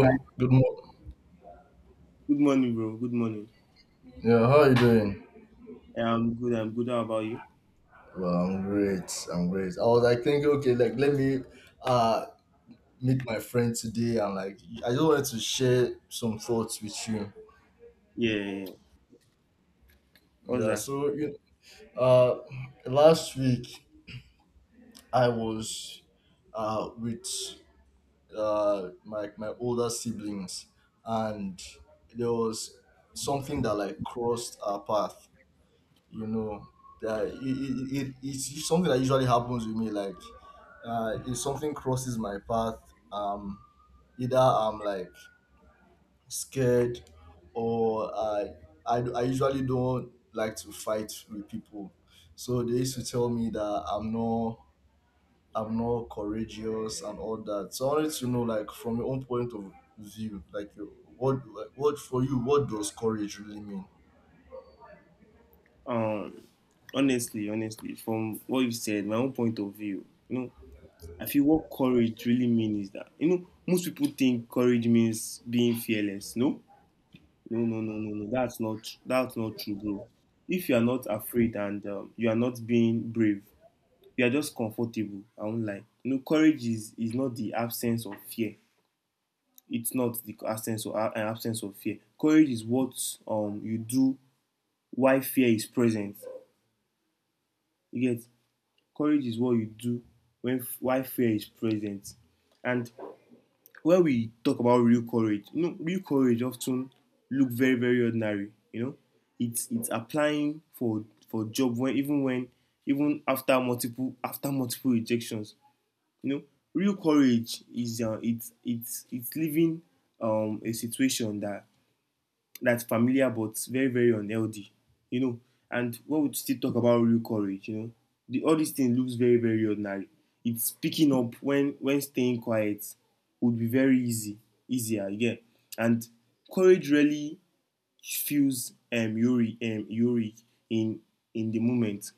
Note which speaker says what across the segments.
Speaker 1: Hi,
Speaker 2: good morning.
Speaker 1: good morning, bro. Good morning.
Speaker 2: Yeah, how are you doing?
Speaker 1: Yeah, I'm good. I'm good. How about you?
Speaker 2: Well, I'm great. I'm great. I was like thinking, okay, like let me uh meet my friend today, and like I just wanted to share some thoughts with you.
Speaker 1: Yeah, yeah, yeah. What's
Speaker 2: Yeah,
Speaker 1: that?
Speaker 2: so you uh last week I was with my older siblings, and there was something that like crossed our path, you know, that it's something that usually happens with me, like if something crosses my path, either I'm like scared, or I usually don't like to fight with people. So they used to tell me that I'm not, I'm not courageous and all that. So I wanted to know, like, from your own point of view, like, what for you, what does courage really mean?
Speaker 1: Um, honestly, honestly, from what you said, my own point of view, you know, I feel what courage really means is that you know most people think courage means being fearless. No, no, no, no, no, no. That's not true, bro. If you are not afraid and you are not being brave, you are just comfortable. I won't lie. You know, courage is not the absence of fear. It's not the absence or an absence of fear. Courage is what you do while fear is present. You get courage is what you do when while fear is present. And when we talk about real courage, you know, real courage often look very very ordinary. You know, it's applying for a job when even after multiple rejections. You know, real courage is it's living a situation that that's familiar but very, very unhealthy, you know. And when we still talk about real courage, you know, all these things looks very, very ordinary. It's picking up when staying quiet would be very easy, easier, yeah. And courage really feels eury in the moment.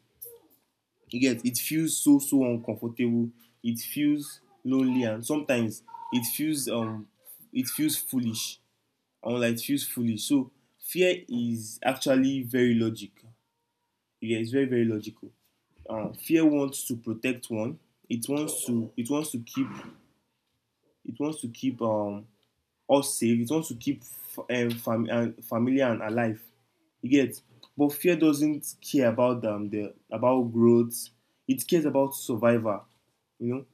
Speaker 1: You get it feels so so uncomfortable. It feels lonely and sometimes it feels um it feels foolish and will like fuse fully. So fear is actually very logical. Yeah, it's very very logical. Fear wants to protect one. It wants to keep it wants to keep us safe. It wants to keep f- fam- and familiar and alive. You get, but fear doesn't care about the about growth. It cares about survival. You know,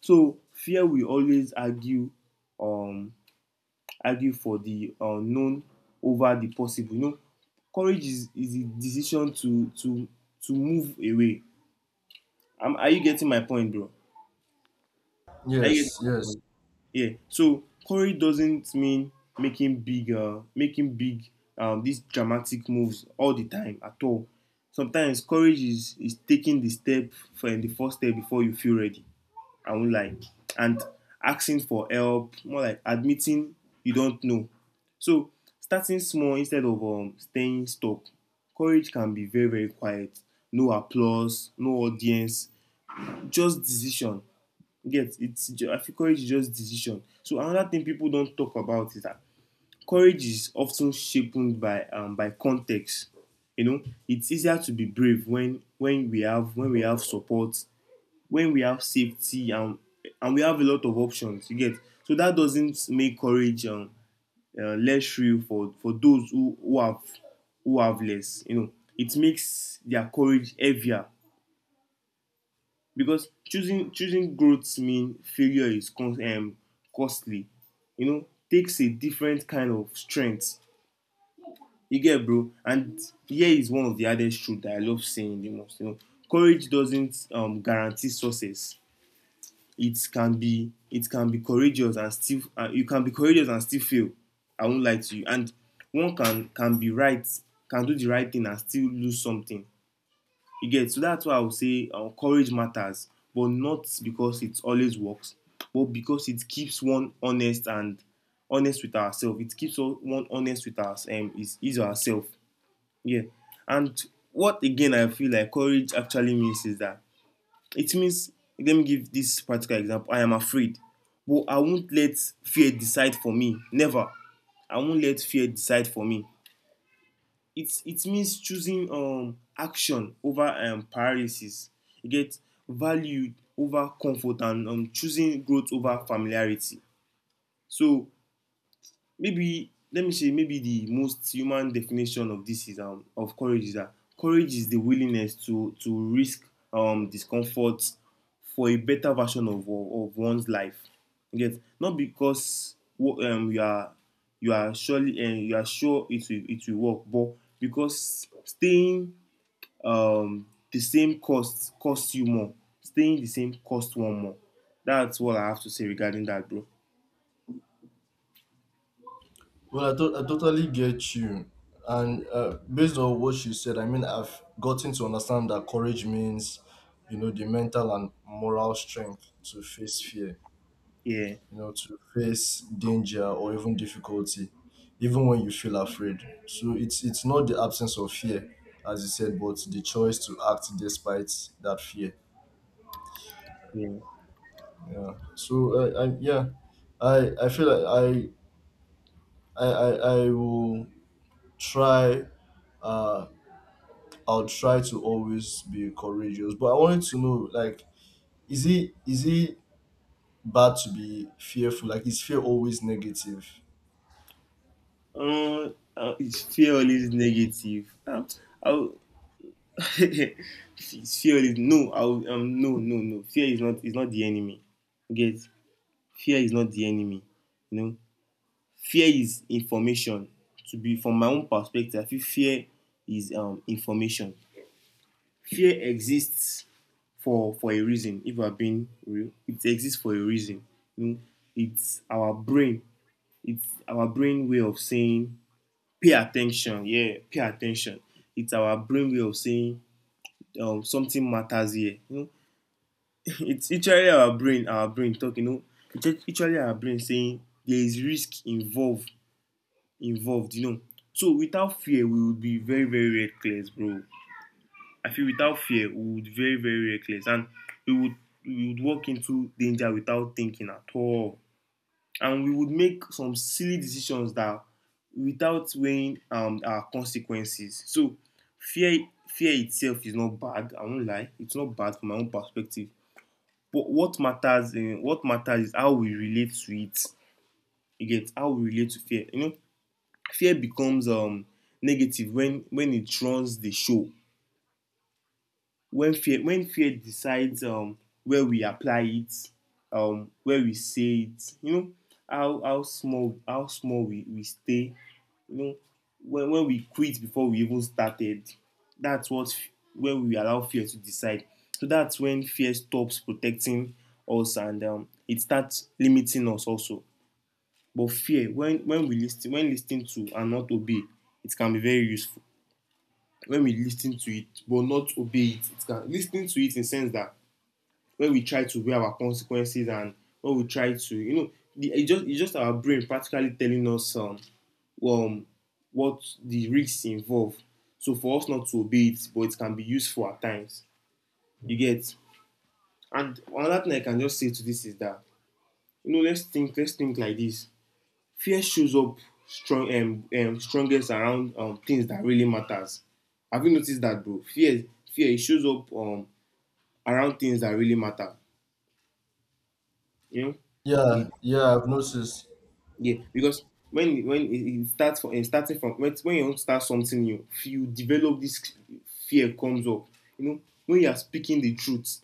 Speaker 1: so fear will always argue um argue for the unknown over the possible. You know, courage is the decision to move away. Am, are you getting my point, bro? Are you getting
Speaker 2: Yes,
Speaker 1: my
Speaker 2: yes.
Speaker 1: point? Yeah. So courage doesn't mean making big these dramatic moves all the time at all. Sometimes courage is taking the step for the first step before you feel ready. I won't lie. And asking for help, more like admitting you don't know. So starting small instead of staying stuck. Courage can be very, very quiet. No applause, no audience, just decision. You get it's I feel courage is just decision. So another thing people don't talk about is that courage is often shaped by context. You know, it's easier to be brave when we have support, when we have safety, and we have a lot of options, you get, so that doesn't make courage less real for those who have less, you know. It makes their courage heavier because choosing growth mean failure is con costly, you know, takes a different kind of strength, you get, bro. And here is one of the hardest truths that I love saying the most, you know. Courage doesn't guarantee success. It can be courageous and still you can be courageous and still fail. I won't lie to you. And one can be right, can do the right thing and still lose something. You get, so that's why I would say courage matters, but not because it always works, but because it keeps one honest, and honest with ourselves. It keeps one honest with us, is ourself, yeah. And what again I feel like courage actually means is that it means, let me give this practical example. I am afraid, but I won't let fear decide for me. Never. I won't let fear decide for me. It means choosing action over paralysis. You get value over comfort and choosing growth over familiarity. So maybe let me say maybe the most human definition of this is of courage is that courage is the willingness to risk discomfort for a better version of one's life. You get not because you are surely you are sure it will work, but because staying um, the same costs you more. Staying the same costs one more. That's what I have to say regarding that, bro.
Speaker 2: Well, I totally get you. And based on what you said, I mean, I've gotten to understand that courage means, you know, the mental and moral strength to face fear,
Speaker 1: Yeah,
Speaker 2: you know, to face danger or even difficulty, even when you feel afraid. So it's not the absence of fear, as you said, but the choice to act despite that fear.
Speaker 1: yeah.
Speaker 2: Yeah. So yeah, I feel like I will try, uh I'll try to always be courageous. But I wanted to know, like, is it, is it bad to be fearful? Like, is fear always negative?
Speaker 1: It's fear always negative. I'll, it's fear is no. I'll, no, no, no. Fear is not. Is not the enemy. Get fear is not the enemy. You know, fear is information. To be from my own perspective, I feel fear is information. Fear exists for a reason. If we're being real, it exists for a reason. You know, it's our brain. It's our brain way of saying pay attention, yeah, pay attention. It's our brain way of saying something matters here. You know, it's literally our brain talking. You know, it's literally our brain saying there is risk involved. You know, so without fear, we would be very, very reckless, bro. I feel without fear, we would be very, very reckless, and we would we would walk into danger without thinking at all. And we would make some silly decisions that without weighing our consequences. So fear fear itself is not bad. I won't lie, it's not bad from my own perspective. But what matters is how we relate to it. You get how we relate to fear. You know, fear becomes negative when it runs the show. When fear decides where we apply it, where we say it. You know how small we stay, you know, when we quit before we even started, that's what when we allow fear to decide. So that's when fear stops protecting us and it starts limiting us also. But fear when we listen when listening to and not obey, it can be very useful. When we listen to it but not obey it, it can, listening to it in the sense that when we try to weigh our consequences, and when we try to, you know, it just it's just our brain practically telling us um, what the risks involve. So for us not to obey it, but it can be useful at times. You get. And another thing I can just say to this is that, you know, let's think like this. Fear shows up strong strongest around things that really matters. Have you noticed that, bro? Fear it shows up around things that really matter. You know,
Speaker 2: Yeah,
Speaker 1: it
Speaker 2: yeah, I've noticed.
Speaker 1: yeah, because when it starts from it starting from when you want to start something new, you develop this fear comes up. You know, when you are speaking the truth,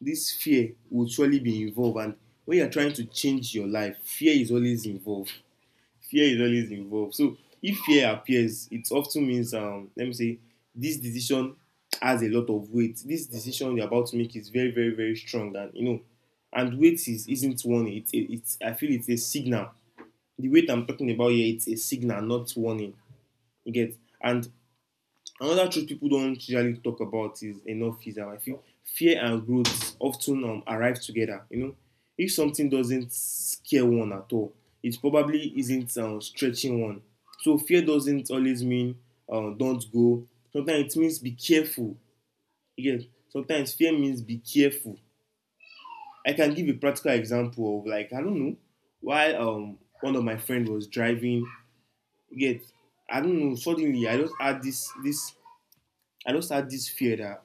Speaker 1: this fear will surely be involved. And when you are trying to change your life, fear is always involved. Fear is always involved. So if fear appears, it often means let me say this decision has a lot of weight. This decision you're about to make is very very very strong, and you know, and weight is isn't one. It's I feel it's a signal, the weight I'm talking about here, it's a signal, not warning. You get. And another truth people don't usually talk about is enough is I feel fear and growth often arrive together. You know, if something doesn't scare one at all, it probably isn't stretching one. So fear doesn't always mean don't go. Sometimes it means be careful. You get sometimes fear means be careful. I can give a practical example of like I don't know why one of my friend was driving. You get I don't know, suddenly I just had this fear that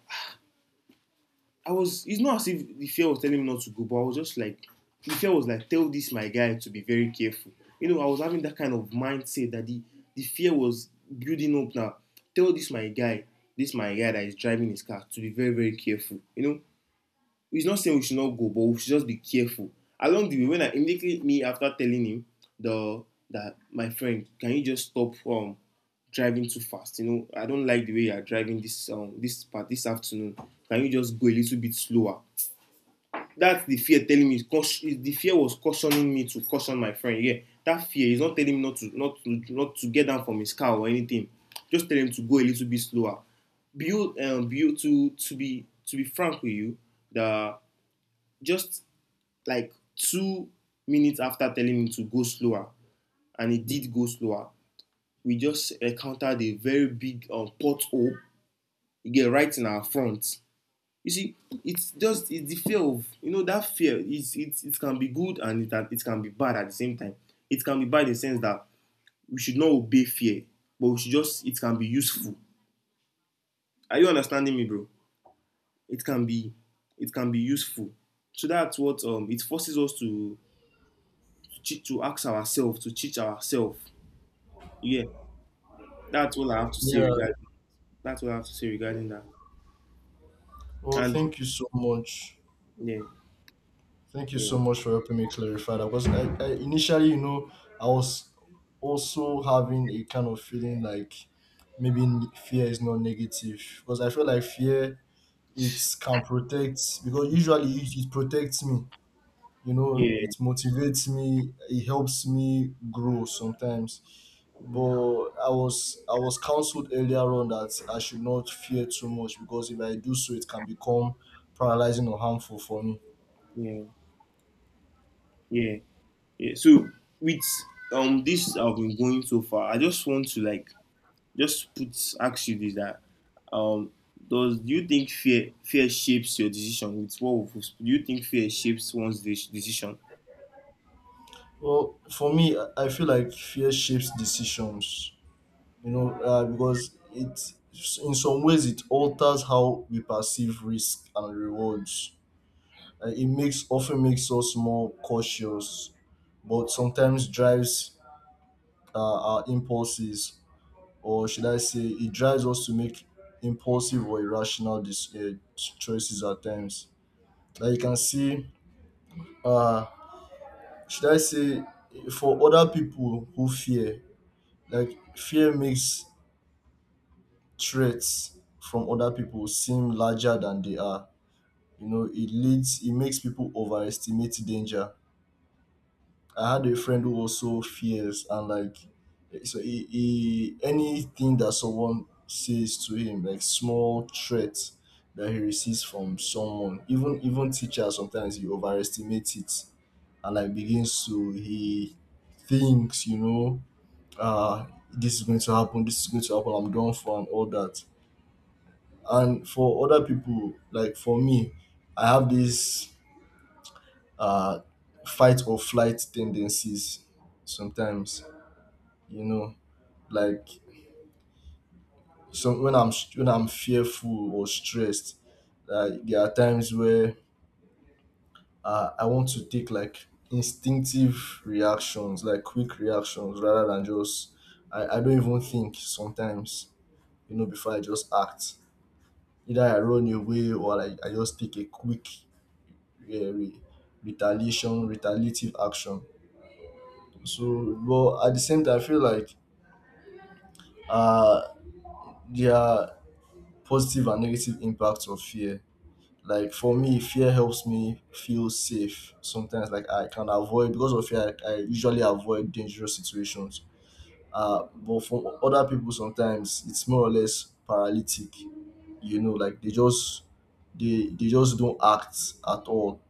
Speaker 1: I was, it's not as if the fear was telling me not to go, but I was just like the fear was like tell this my guy to be very careful. You know, I was having that kind of mindset that the fear was building up now. Tell this my guy that is driving his car to be very, very careful. You know, he's not saying we should not go, but we should just be careful. Along the way, when I immediately me after telling him the that my friend, can you just stop driving too fast? You know, I don't like the way you are driving this part this afternoon. Can you just go a little bit slower? That's the fear telling me. The fear was cautioning me to caution my friend. Yeah, that fear is not telling me not to get down from his car or anything. Just tell him to go a little bit slower. Build build To be frank with you, the just like 2 minutes after telling me to go slower, and it did go slower, we just encountered a very big pothole you get right in our front. You see, it's just it's the fear of that fear. It can be good and it can be bad at the same time. It can be bad in the sense that we should not obey fear, but we should just it can be useful. Are you understanding me, bro? It can be it can be useful. So that's what it forces us to to ask ourselves, to teach ourselves. Yeah, that's all I have to say
Speaker 2: Yeah.
Speaker 1: regarding. That's all I have to say regarding that.
Speaker 2: Well,
Speaker 1: And
Speaker 2: thank you so much.
Speaker 1: yeah,
Speaker 2: Thank you
Speaker 1: yeah,
Speaker 2: so much for helping me clarify that. Because I initially, you know, I was also having a kind of feeling like maybe fear is not negative. Because I feel like fear, it can protect, because usually it protects me. You know, it
Speaker 1: yeah,
Speaker 2: motivates me, it helps me grow sometimes. But I was counseled earlier on that I should not fear too much, because if I do so it can become paralyzing or harmful for me.
Speaker 1: yeah, yeah, yeah. So with this I've been going so far, I just want to like just put ask you this that um does do you think fear shapes your decision with do you think fear shapes one's decision?
Speaker 2: Well, for me, I feel like fear shapes decisions, you know, because it, in some ways, it alters how we perceive risk and rewards. It makes often makes us more cautious, but sometimes drives our impulses. Or should I say, it drives us to make impulsive or irrational choices at times. Like you can see, uh, should I say, for other people who fear, like fear makes threats from other people seem larger than they are. You know, it leads, it makes people overestimate danger. I had a friend who was so fierce, and like so he, anything that someone says to him, like small threats that he receives from someone, even even teachers, sometimes he overestimates it and like begins to, he thinks, you know, this is going to happen, this is going to happen, I'm done for, and all that. And for other people, like for me, I have this uh fight or flight tendencies sometimes, you know, like some, when i'm, when I'm fearful or stressed, like there are times where I want to take like instinctive reactions, like quick reactions, rather than just, I don't even think sometimes, you know, before I just act. Either I run away, or like I just take a quick, uh, re- retaliation retaliative action. So but at the same time, I feel like uh there are positive and negative impacts of fear. Like for me, fear helps me feel safe. Sometimes, like I can avoid, because of fear, I usually avoid dangerous situations. But for other people, sometimes it's more or less paralytic. You know, like they just, they just don't act at all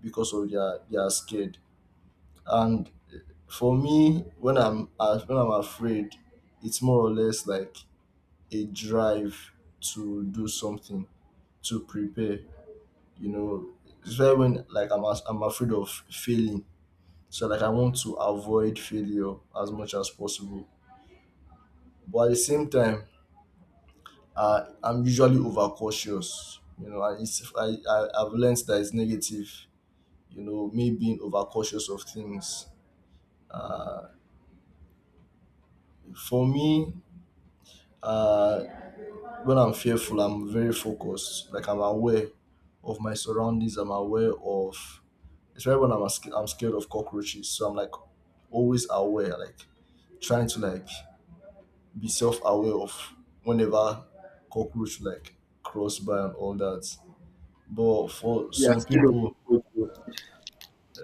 Speaker 2: because of their, they are scared. And for me, when I'm afraid, it's more or less like a drive to do something, to prepare, you know. It's why when like I'm I'm afraid of failing, so like I want to avoid failure as much as possible. But at the same time, I'm usually overcautious, you know, and it's, I've learned that it's negative, you know, me being overcautious of things. For me, uh when I'm fearful, I'm very focused, like I'm aware of my surroundings, I'm aware of, it's especially when I'm scared of cockroaches, so I'm like always aware, like trying to like be self-aware of whenever cockroach like cross by and all that. But for
Speaker 1: Yeah,
Speaker 2: some
Speaker 1: scared of
Speaker 2: people,
Speaker 1: cockroach.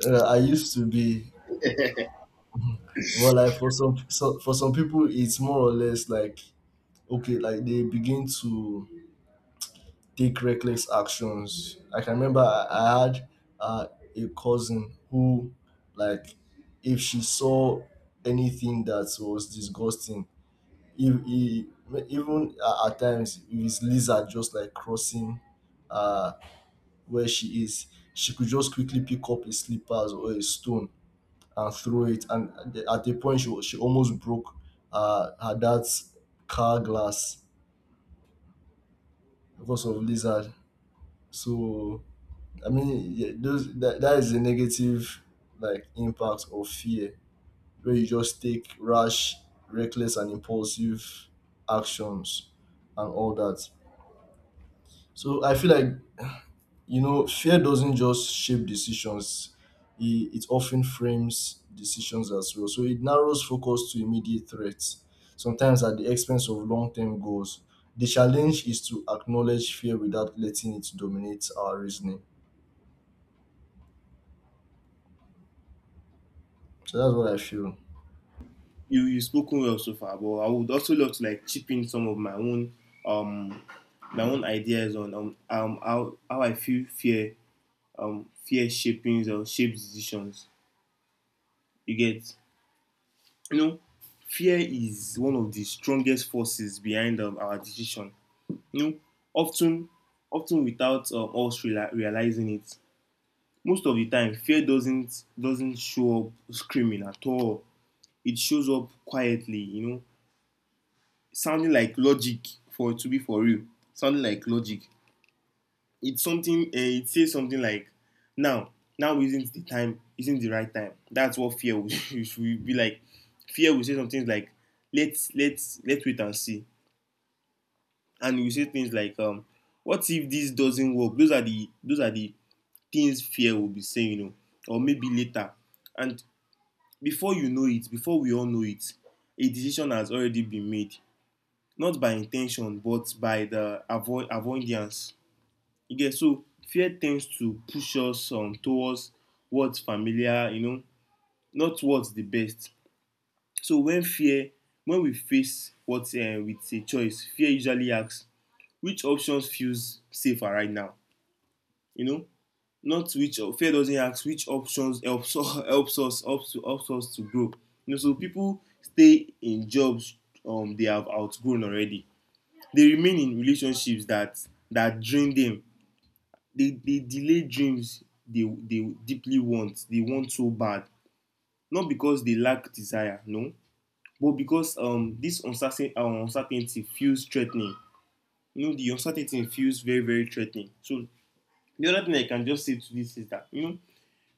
Speaker 2: I used to be well, like for some, so, for some people, it's more or less like, okay, like they begin to take reckless actions. Like I remember, I had uh, a cousin who like, if she saw anything that was disgusting, if he even at times, if his lizard just like crossing uh where she is, she could just quickly pick up a slippers or a stone and throw it. And at the, at a point she almost broke her dad's car glass because of lizard. So I mean, yeah, that is the negative, like impact of fear, where you just take rash, reckless, and impulsive actions and all that. So I feel like, you know, fear doesn't just shape decisions; it often frames decisions as well. So it narrows focus to immediate threats, sometimes at the expense of long-term goals. The challenge is to acknowledge fear without letting it dominate our reasoning. So that's what I feel.
Speaker 1: You spoken well so far, but I would also love to like chip in some of um my own ideas on how I feel fear shaping or shapes decisions. You get, you know, fear is one of the strongest forces behind our decision. You know, often often without us realizing it. Most of the time, fear doesn't show up screaming at all. It shows up quietly. You know, sounding like logic for to be for real. Sounding like logic, it's something, it says something like now, now isn't the time, isn't the right time. That's what fear will, should be like fear will say something like let's wait and see. And you say things like what if this doesn't work. Those are the things fear will be saying, you know, or maybe later. And before you know it, before we all know it, a decision has already been made, not by intention but by the avoidance. You get, so fear tends to push us towards what's familiar, you know, not what's the best. So when fear, when we face what with a choice, fear usually asks which options feels safer right now, you know, not which fear doesn't ask which options helps helps us to grow, you know. So people stay in jobs they have outgrown already. They remain in relationships that drain them. They delay dreams they deeply want, they want so bad, not because they lack desire, no, but because this uncertainty feels threatening. You know, the uncertainty feels very very threatening. So the other thing I can just say to this is that, you know,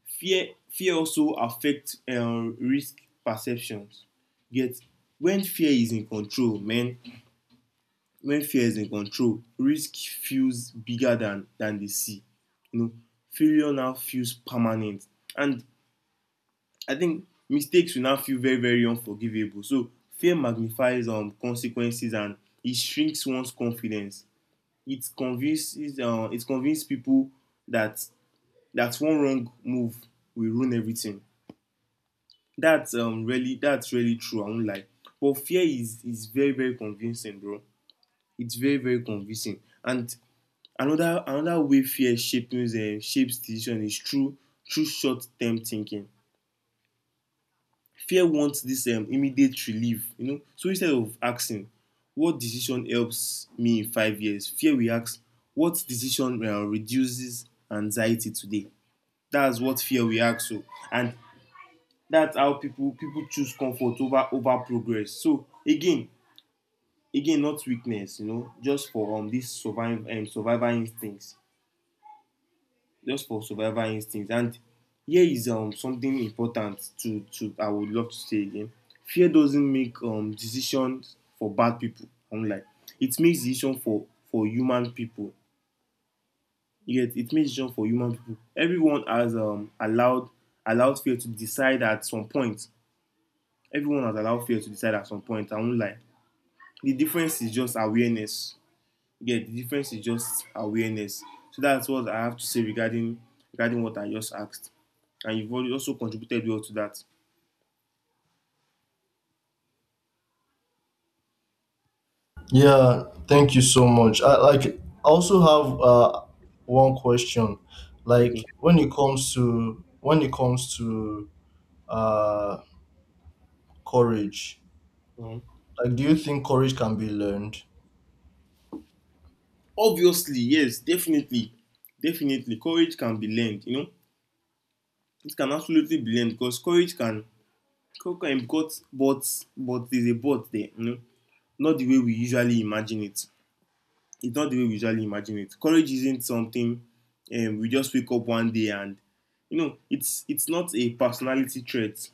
Speaker 1: fear also affects risk perceptions. Yet when fear is in control, man, when fear is in control, risk feels bigger than the sea, you know. Failure now feels permanent, and I think mistakes will now feel very very unforgivable. So fear magnifies consequences, and it shrinks one's confidence. It convinces, it convinces people that, that one wrong move will ruin everything. That's really, that's really true, I won't lie. But fear is very very convincing, bro. It's very very convincing. And another way fear shapes decision is through through short term thinking. Fear wants this immediate relief, you know. So instead of asking what decision helps me in 5 years, fear will ask what decision reduces anxiety today. That's what fear will ask. So and that's how people choose comfort over over progress. So again, again, not weakness, you know, just for this survive survival instincts. Just for survival instincts. And here is something important to I would love to say again. Fear doesn't make decisions for bad people. I'm like, it makes decisions for human people. Yet it makes decisions for human people. Everyone has allowed fear to decide at some point. Everyone has allowed fear to decide at some point. I won't lie. The difference is just awareness. Yeah, the difference is just awareness. So that's what I have to say regarding, regarding what I just asked, and you've already also contributed well to that.
Speaker 2: Yeah, thank you so much. I like, I also have one question.
Speaker 1: Okay.
Speaker 2: Like, when it comes to, when it comes to uh courage,
Speaker 1: Mm.
Speaker 2: like, do you think courage can be learned?
Speaker 1: Obviously yes, definitely. Definitely courage can be learned, you know. It can absolutely be learned because courage can but there's a but there, you know. Not the way we usually imagine it. It's not the way we usually imagine it. Courage isn't something we just wake up one day and, you know, it's not a personality trait.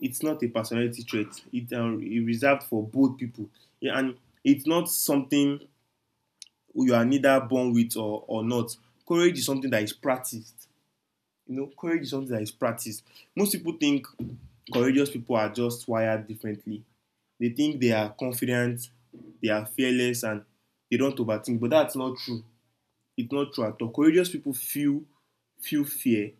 Speaker 1: It's not a personality trait. It's reserved for bold people, yeah, and it's not something you are neither born with or not. Courage is something that is practiced. You know, courage is something that is practiced. Most people think courageous people are just wired differently. They think they are confident, they are fearless, and they don't overthink. But that's not true. It's not true at all. Courageous people feel fear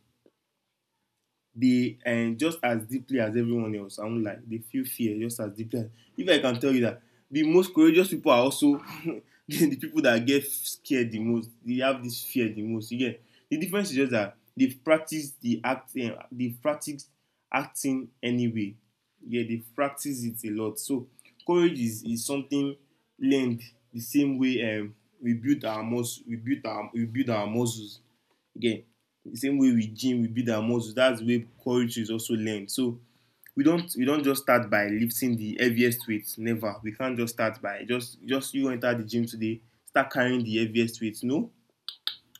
Speaker 1: they just as deeply as everyone else. I won't lie. They feel fear just as deeply. As, if I can tell you that the most courageous people are also the people that get scared the most. They have this fear the most. You get, the difference is just that they've practiced the acting. They've practiced acting anyway. Yeah, they practice it a lot. So courage is something learned the same way we build our muscles. We build our muscles. Again, the same way with gym, we build our muscles. That's the way courage is also learned. So we don't just start by lifting the heaviest weights. Never. We can't just start by just you enter the gym today, start carrying the heaviest weights. No,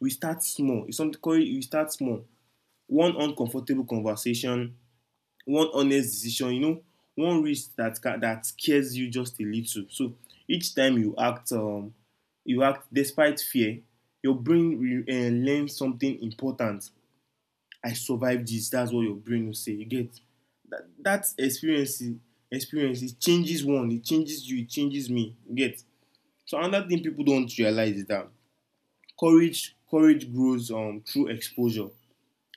Speaker 1: we start small. It's something courage. We start small. One uncomfortable conversation, one honest decision. You know, one risk that scares you just a little. So each time you act despite fear. Your brain learns something important. I survive this. That's what your brain will say. You get that experience, experience it changes one, it changes you, it changes me. You get, so another thing people don't realize is that courage grows through exposure,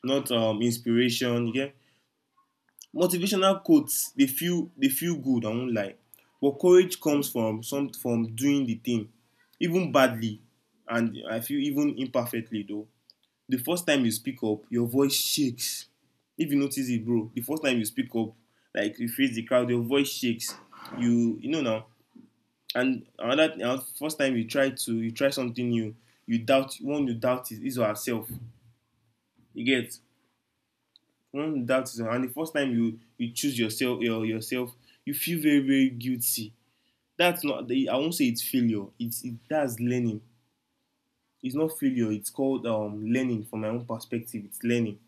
Speaker 1: not inspiration. You get, motivational quotes they feel good, I won't lie. But courage comes from some from doing the thing, even badly, and I feel even imperfectly though. The first time you speak up, your voice shakes. If you notice it, bro, the first time you speak up, like you face the crowd, your voice shakes. You know now. And another and first time you try to you try something new, you doubt one you doubt is yourself. You get one you doubt is. And the first time you you choose yourself, your yourself, you feel very very guilty. That's not the, I won't say it's failure, it's it, that's learning. It's not failure, it's called learning. From my own perspective, it's learning.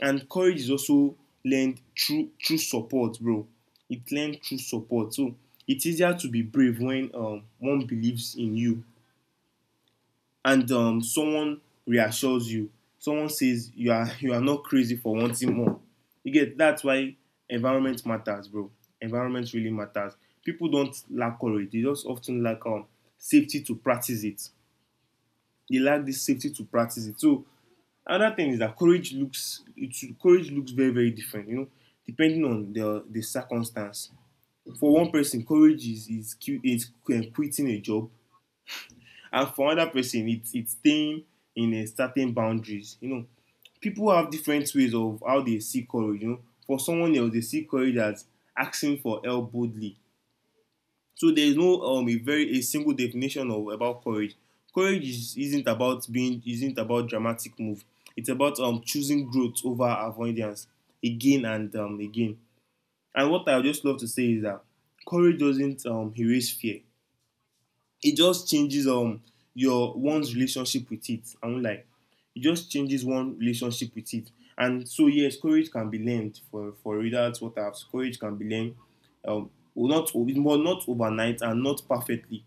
Speaker 1: And courage is also learned through through support, bro. It learned through support. So it's easier to be brave when one believes in you, and someone reassures you, someone says you are you are not crazy for wanting more. You get, that's why environment matters, bro. Environment really matters. People don't lack courage, they just often lack safety to practice it. They lack this safety to practice it. So Another thing is that courage looks very very different. You know, depending on the circumstance. For one person, courage is, is quitting a job, and for another person, it's staying in a certain boundaries. You know, people have different ways of how they see courage. You know, for someone else, they see courage as asking for help boldly. So there is no a very a single definition of about courage. Courage is, isn't about dramatic move. It's about choosing growth over avoidance again and again. And what I would just love to say is that courage doesn't erase fear, it just changes your one's relationship with it. I won't lie. It just changes one relationship with it. And so yes, courage can be learned for readers. What I've courage can be learned. Well, not o- well, not overnight and not perfectly,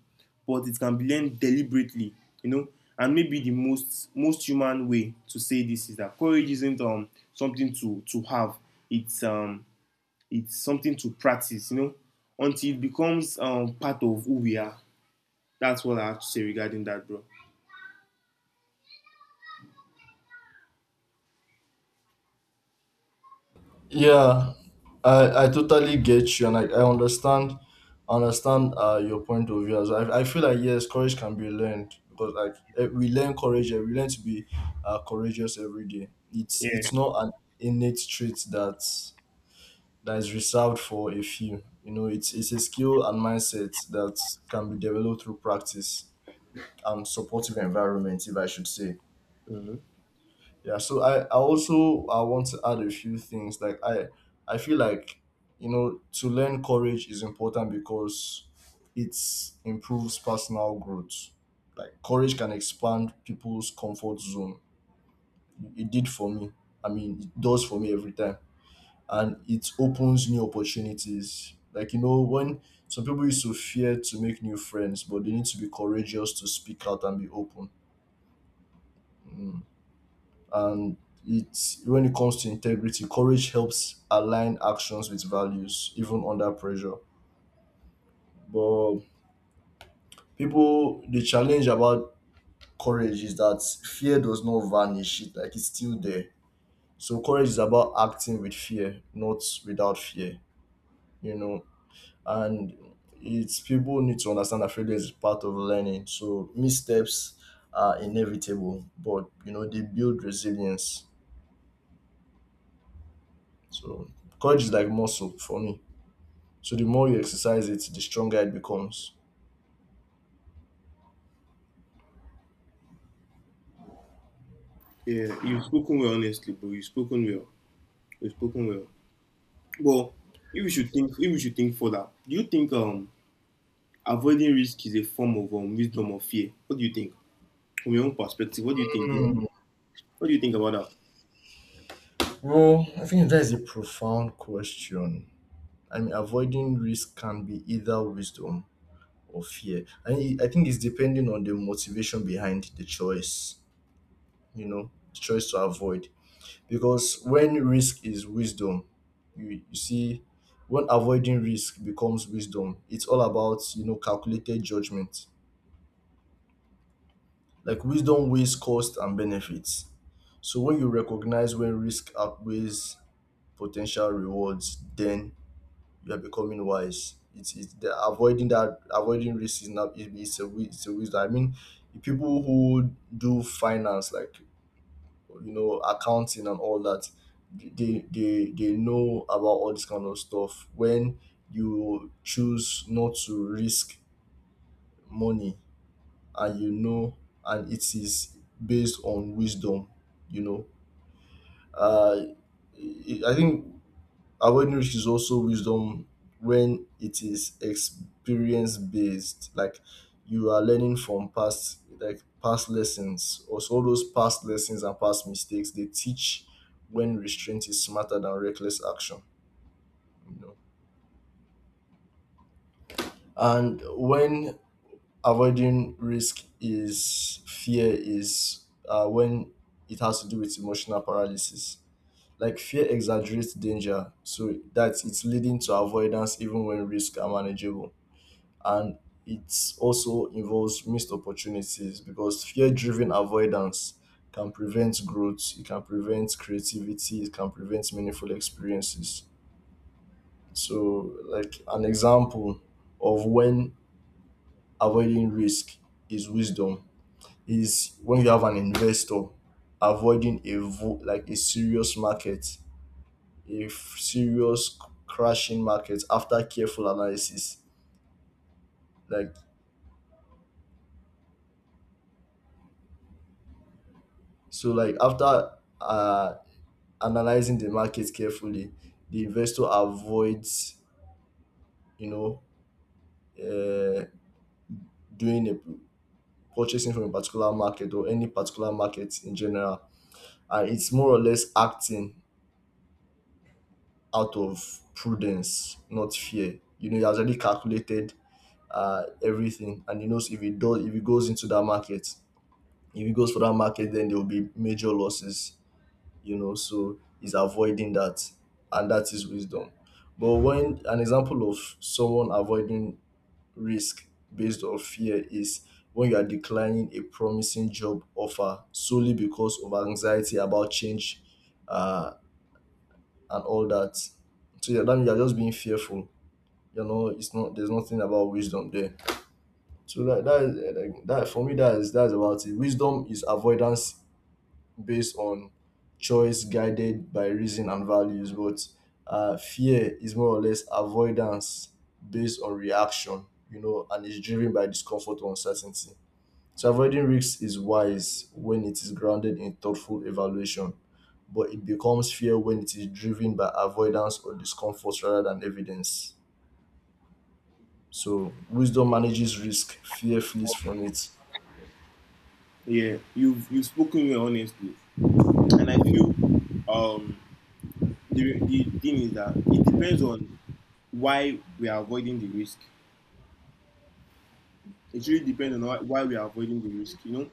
Speaker 1: but it can be learned deliberately. You know, and maybe the most human way to say this is that courage isn't something to have. It's it's something to practice. You know, until it becomes part of who we are. That's what I have to say regarding that, bro.
Speaker 2: Yeah, I totally get you, and I understand, understand your point of view as well. I feel like yes, courage can be learned, because like eh, we learn courage, eh, we learn to be courageous every day. It's
Speaker 1: Yeah.
Speaker 2: not an innate trait that, that is reserved for a few. You know, it's a skill and mindset that can be developed through practice and supportive environment, if I should say.
Speaker 1: Mm-hmm.
Speaker 2: Yeah, so I also, I want to add a few things. Like I feel like, you know, to learn courage is important because it improves personal growth. Like courage can expand people's comfort zone. It did for me. I mean, it does for me every time, and it opens new opportunities. Like, you know, when some people used to fear to make new friends, but they need to be courageous to speak out and be open. Mm. And it's, when it comes to integrity, courage helps align actions with values, even under pressure. But people, the challenge about courage is that fear does not vanish; like it's still there. So courage is about acting with fear, not without fear. You know, and it's, people need to understand that failure is part of learning. So missteps are inevitable, but you know they build resilience. So courage is like muscle for me. So the more you exercise it, the stronger it becomes.
Speaker 1: Yeah, you've spoken well, honestly, bro. You've spoken well. You've spoken well. But if we should think, if we should think further, do you think avoiding risk is a form of wisdom or fear? What do you think from your own perspective? What do you think?
Speaker 2: Hmm.
Speaker 1: What do you think about that?
Speaker 2: Well, I think that is a profound question. I mean, avoiding risk can be either wisdom or fear. I mean, I think it's depending on the motivation behind the choice, you know, the choice to avoid. Because when risk is wisdom, you see, when avoiding risk becomes wisdom, it's all about, you know, calculated judgment. Like wisdom weighs cost and benefits. So when you recognize when risk outweighs potential rewards, then you are becoming wise. It's the avoiding, that avoiding risk is not it's a it's a wisdom. I mean, the people who do finance, like, you know, accounting and all that, they they know about all this kind of stuff. When you choose not to risk money, and you know, and it is based on wisdom, you know, uh I think awareness is also wisdom, when it is experience based. Like, you are learning from past, like past lessons. Also, all those past lessons and past mistakes, they teach when restraint is smarter than reckless action, you know. And when avoiding risk is fear is when it has to do with emotional paralysis. Like fear exaggerates danger, so that it's leading to avoidance even when risks are manageable. And it also involves missed opportunities, because fear-driven avoidance can prevent growth, it can prevent creativity, it can prevent meaningful experiences. So, like an example of when avoiding risk is wisdom is when you have an investor avoiding like a serious market, serious crashing market after careful analysis. Like, so, like after uh, analyzing the market carefully, the investor avoids, you know, uh, doing a purchasing from a particular market or any particular market in general, and it's more or less acting out of prudence, not fear. You know, he has already calculated everything. And he knows if he does, if he goes into that market, if he goes for that market, then there will be major losses. You know, so he's avoiding that, and that is wisdom. But when, an example of someone avoiding risk based on fear is when you are declining a promising job offer solely because of anxiety about change, uh, and all that. So yeah, that means you're just being fearful. You know, it's not, there's nothing about wisdom there. So that, that is like that, for me that is, that's about it. Wisdom is avoidance based on choice guided by reason and values, but fear is more or less avoidance based on reaction, you know, and is driven by discomfort or uncertainty. So avoiding risks is wise when it is grounded in thoughtful evaluation, but it becomes fear when it is driven by avoidance or discomfort rather than evidence. So wisdom manages risk, fear flees from it.
Speaker 1: Yeah, you've spoken well, honestly, and I feel um the thing is that it depends on why we are avoiding the risk. It really depends on why we are avoiding the risk. You know,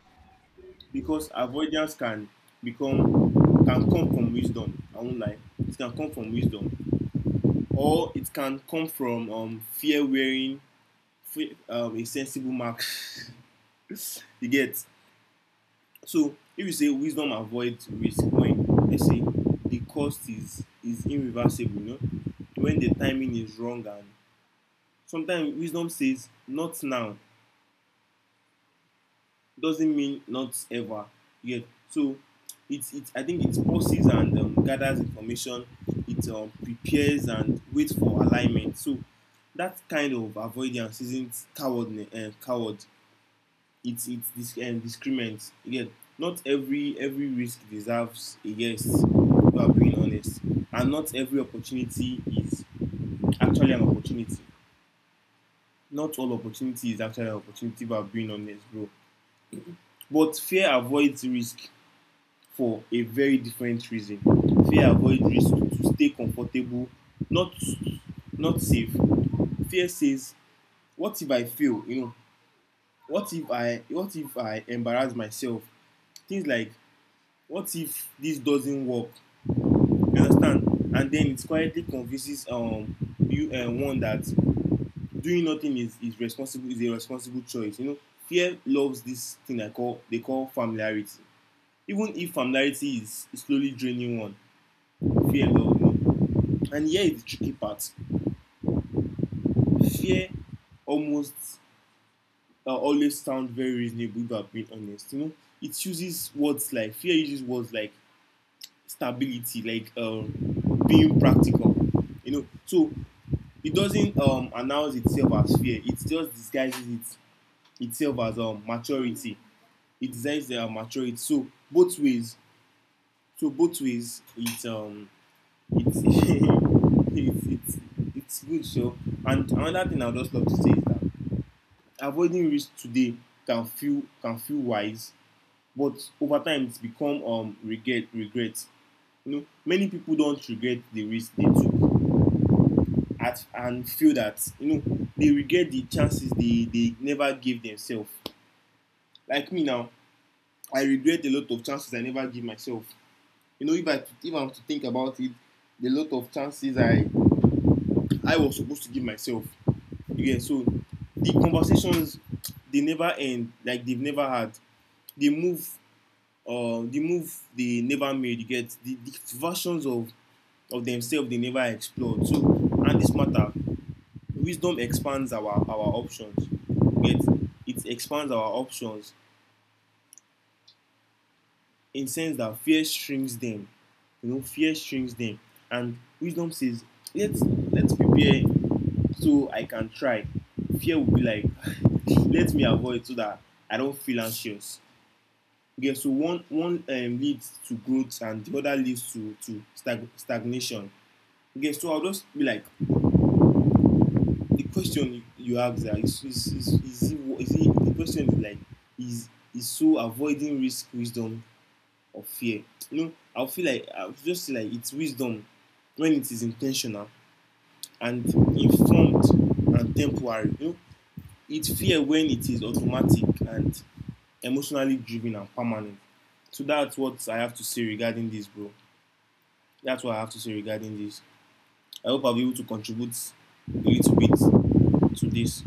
Speaker 1: because avoidance become can come from wisdom. I won't lie, it can come from wisdom, or it can come from fear wearing a sensible mark. You get. So if you say wisdom avoids risk when they say the cost is irreversible, you know, when the timing is wrong. And sometimes wisdom says not now doesn't mean not ever yet. So it's it I think it pauses and, gathers information. It, prepares and waits for alignment. So that kind of avoidance isn't cowardness, coward. It's this, discriminant again. Not every risk deserves a yes if are being honest, and not every opportunity is actually an opportunity. Not all opportunity is actually an opportunity if are being honest, bro. But fear avoids risk for a very different reason. Fear avoid risk to stay comfortable, not not safe. Fear says, what if I fail, you know, what if I, what if I embarrass myself, things like, what if this doesn't work? You understand. And then it quietly convinces, you one that doing nothing is responsible, is a responsible choice, you know. Fear loves this thing I call, they call familiarity, even if familiarity is slowly draining one. Fear love, you know. And here is the tricky part. Fear almost, always sounds very reasonable if I'm being honest. You know, it uses words like, fear uses words like stability, like, being practical. You know, so it doesn't, announce itself as fear. It just disguises itself as, maturity. It disguises their maturity. So both ways. So both ways. It. It's it's good. So, and another thing I would just love to say is that avoiding risk today can feel wise, but over time it's become regret. You know, many people don't regret the risk they took at and feel that, you know, they regret the chances they never gave themselves. Like me now, I regret a lot of chances I never give myself. You know, if I have to think about it, the lot of chances I was supposed to give myself. Yeah, so the conversations they never end, like they've never had. They move, the move they never made, you get, the versions of themselves they never explored. So, and this matter, wisdom expands our options, you get, it expands our options, in sense that fear shrinks them, you know, fear shrinks them. And wisdom says, let's let's prepare so I can try. Fear will be like, let me avoid so that I don't feel anxious. Okay, so one leads to growth and the other leads to stagnation. Okay, so I'll just be like, the question you ask there the question is like, is so avoiding risk, wisdom or fear? You know, I feel like I would just say, like, it's wisdom when it is intentional and informed and temporary. You know, it's fear when it is automatic and emotionally driven and permanent. So that's what I have to say regarding this, bro. That's what I have to say regarding this. I hope I'll be able to contribute a little bit to this.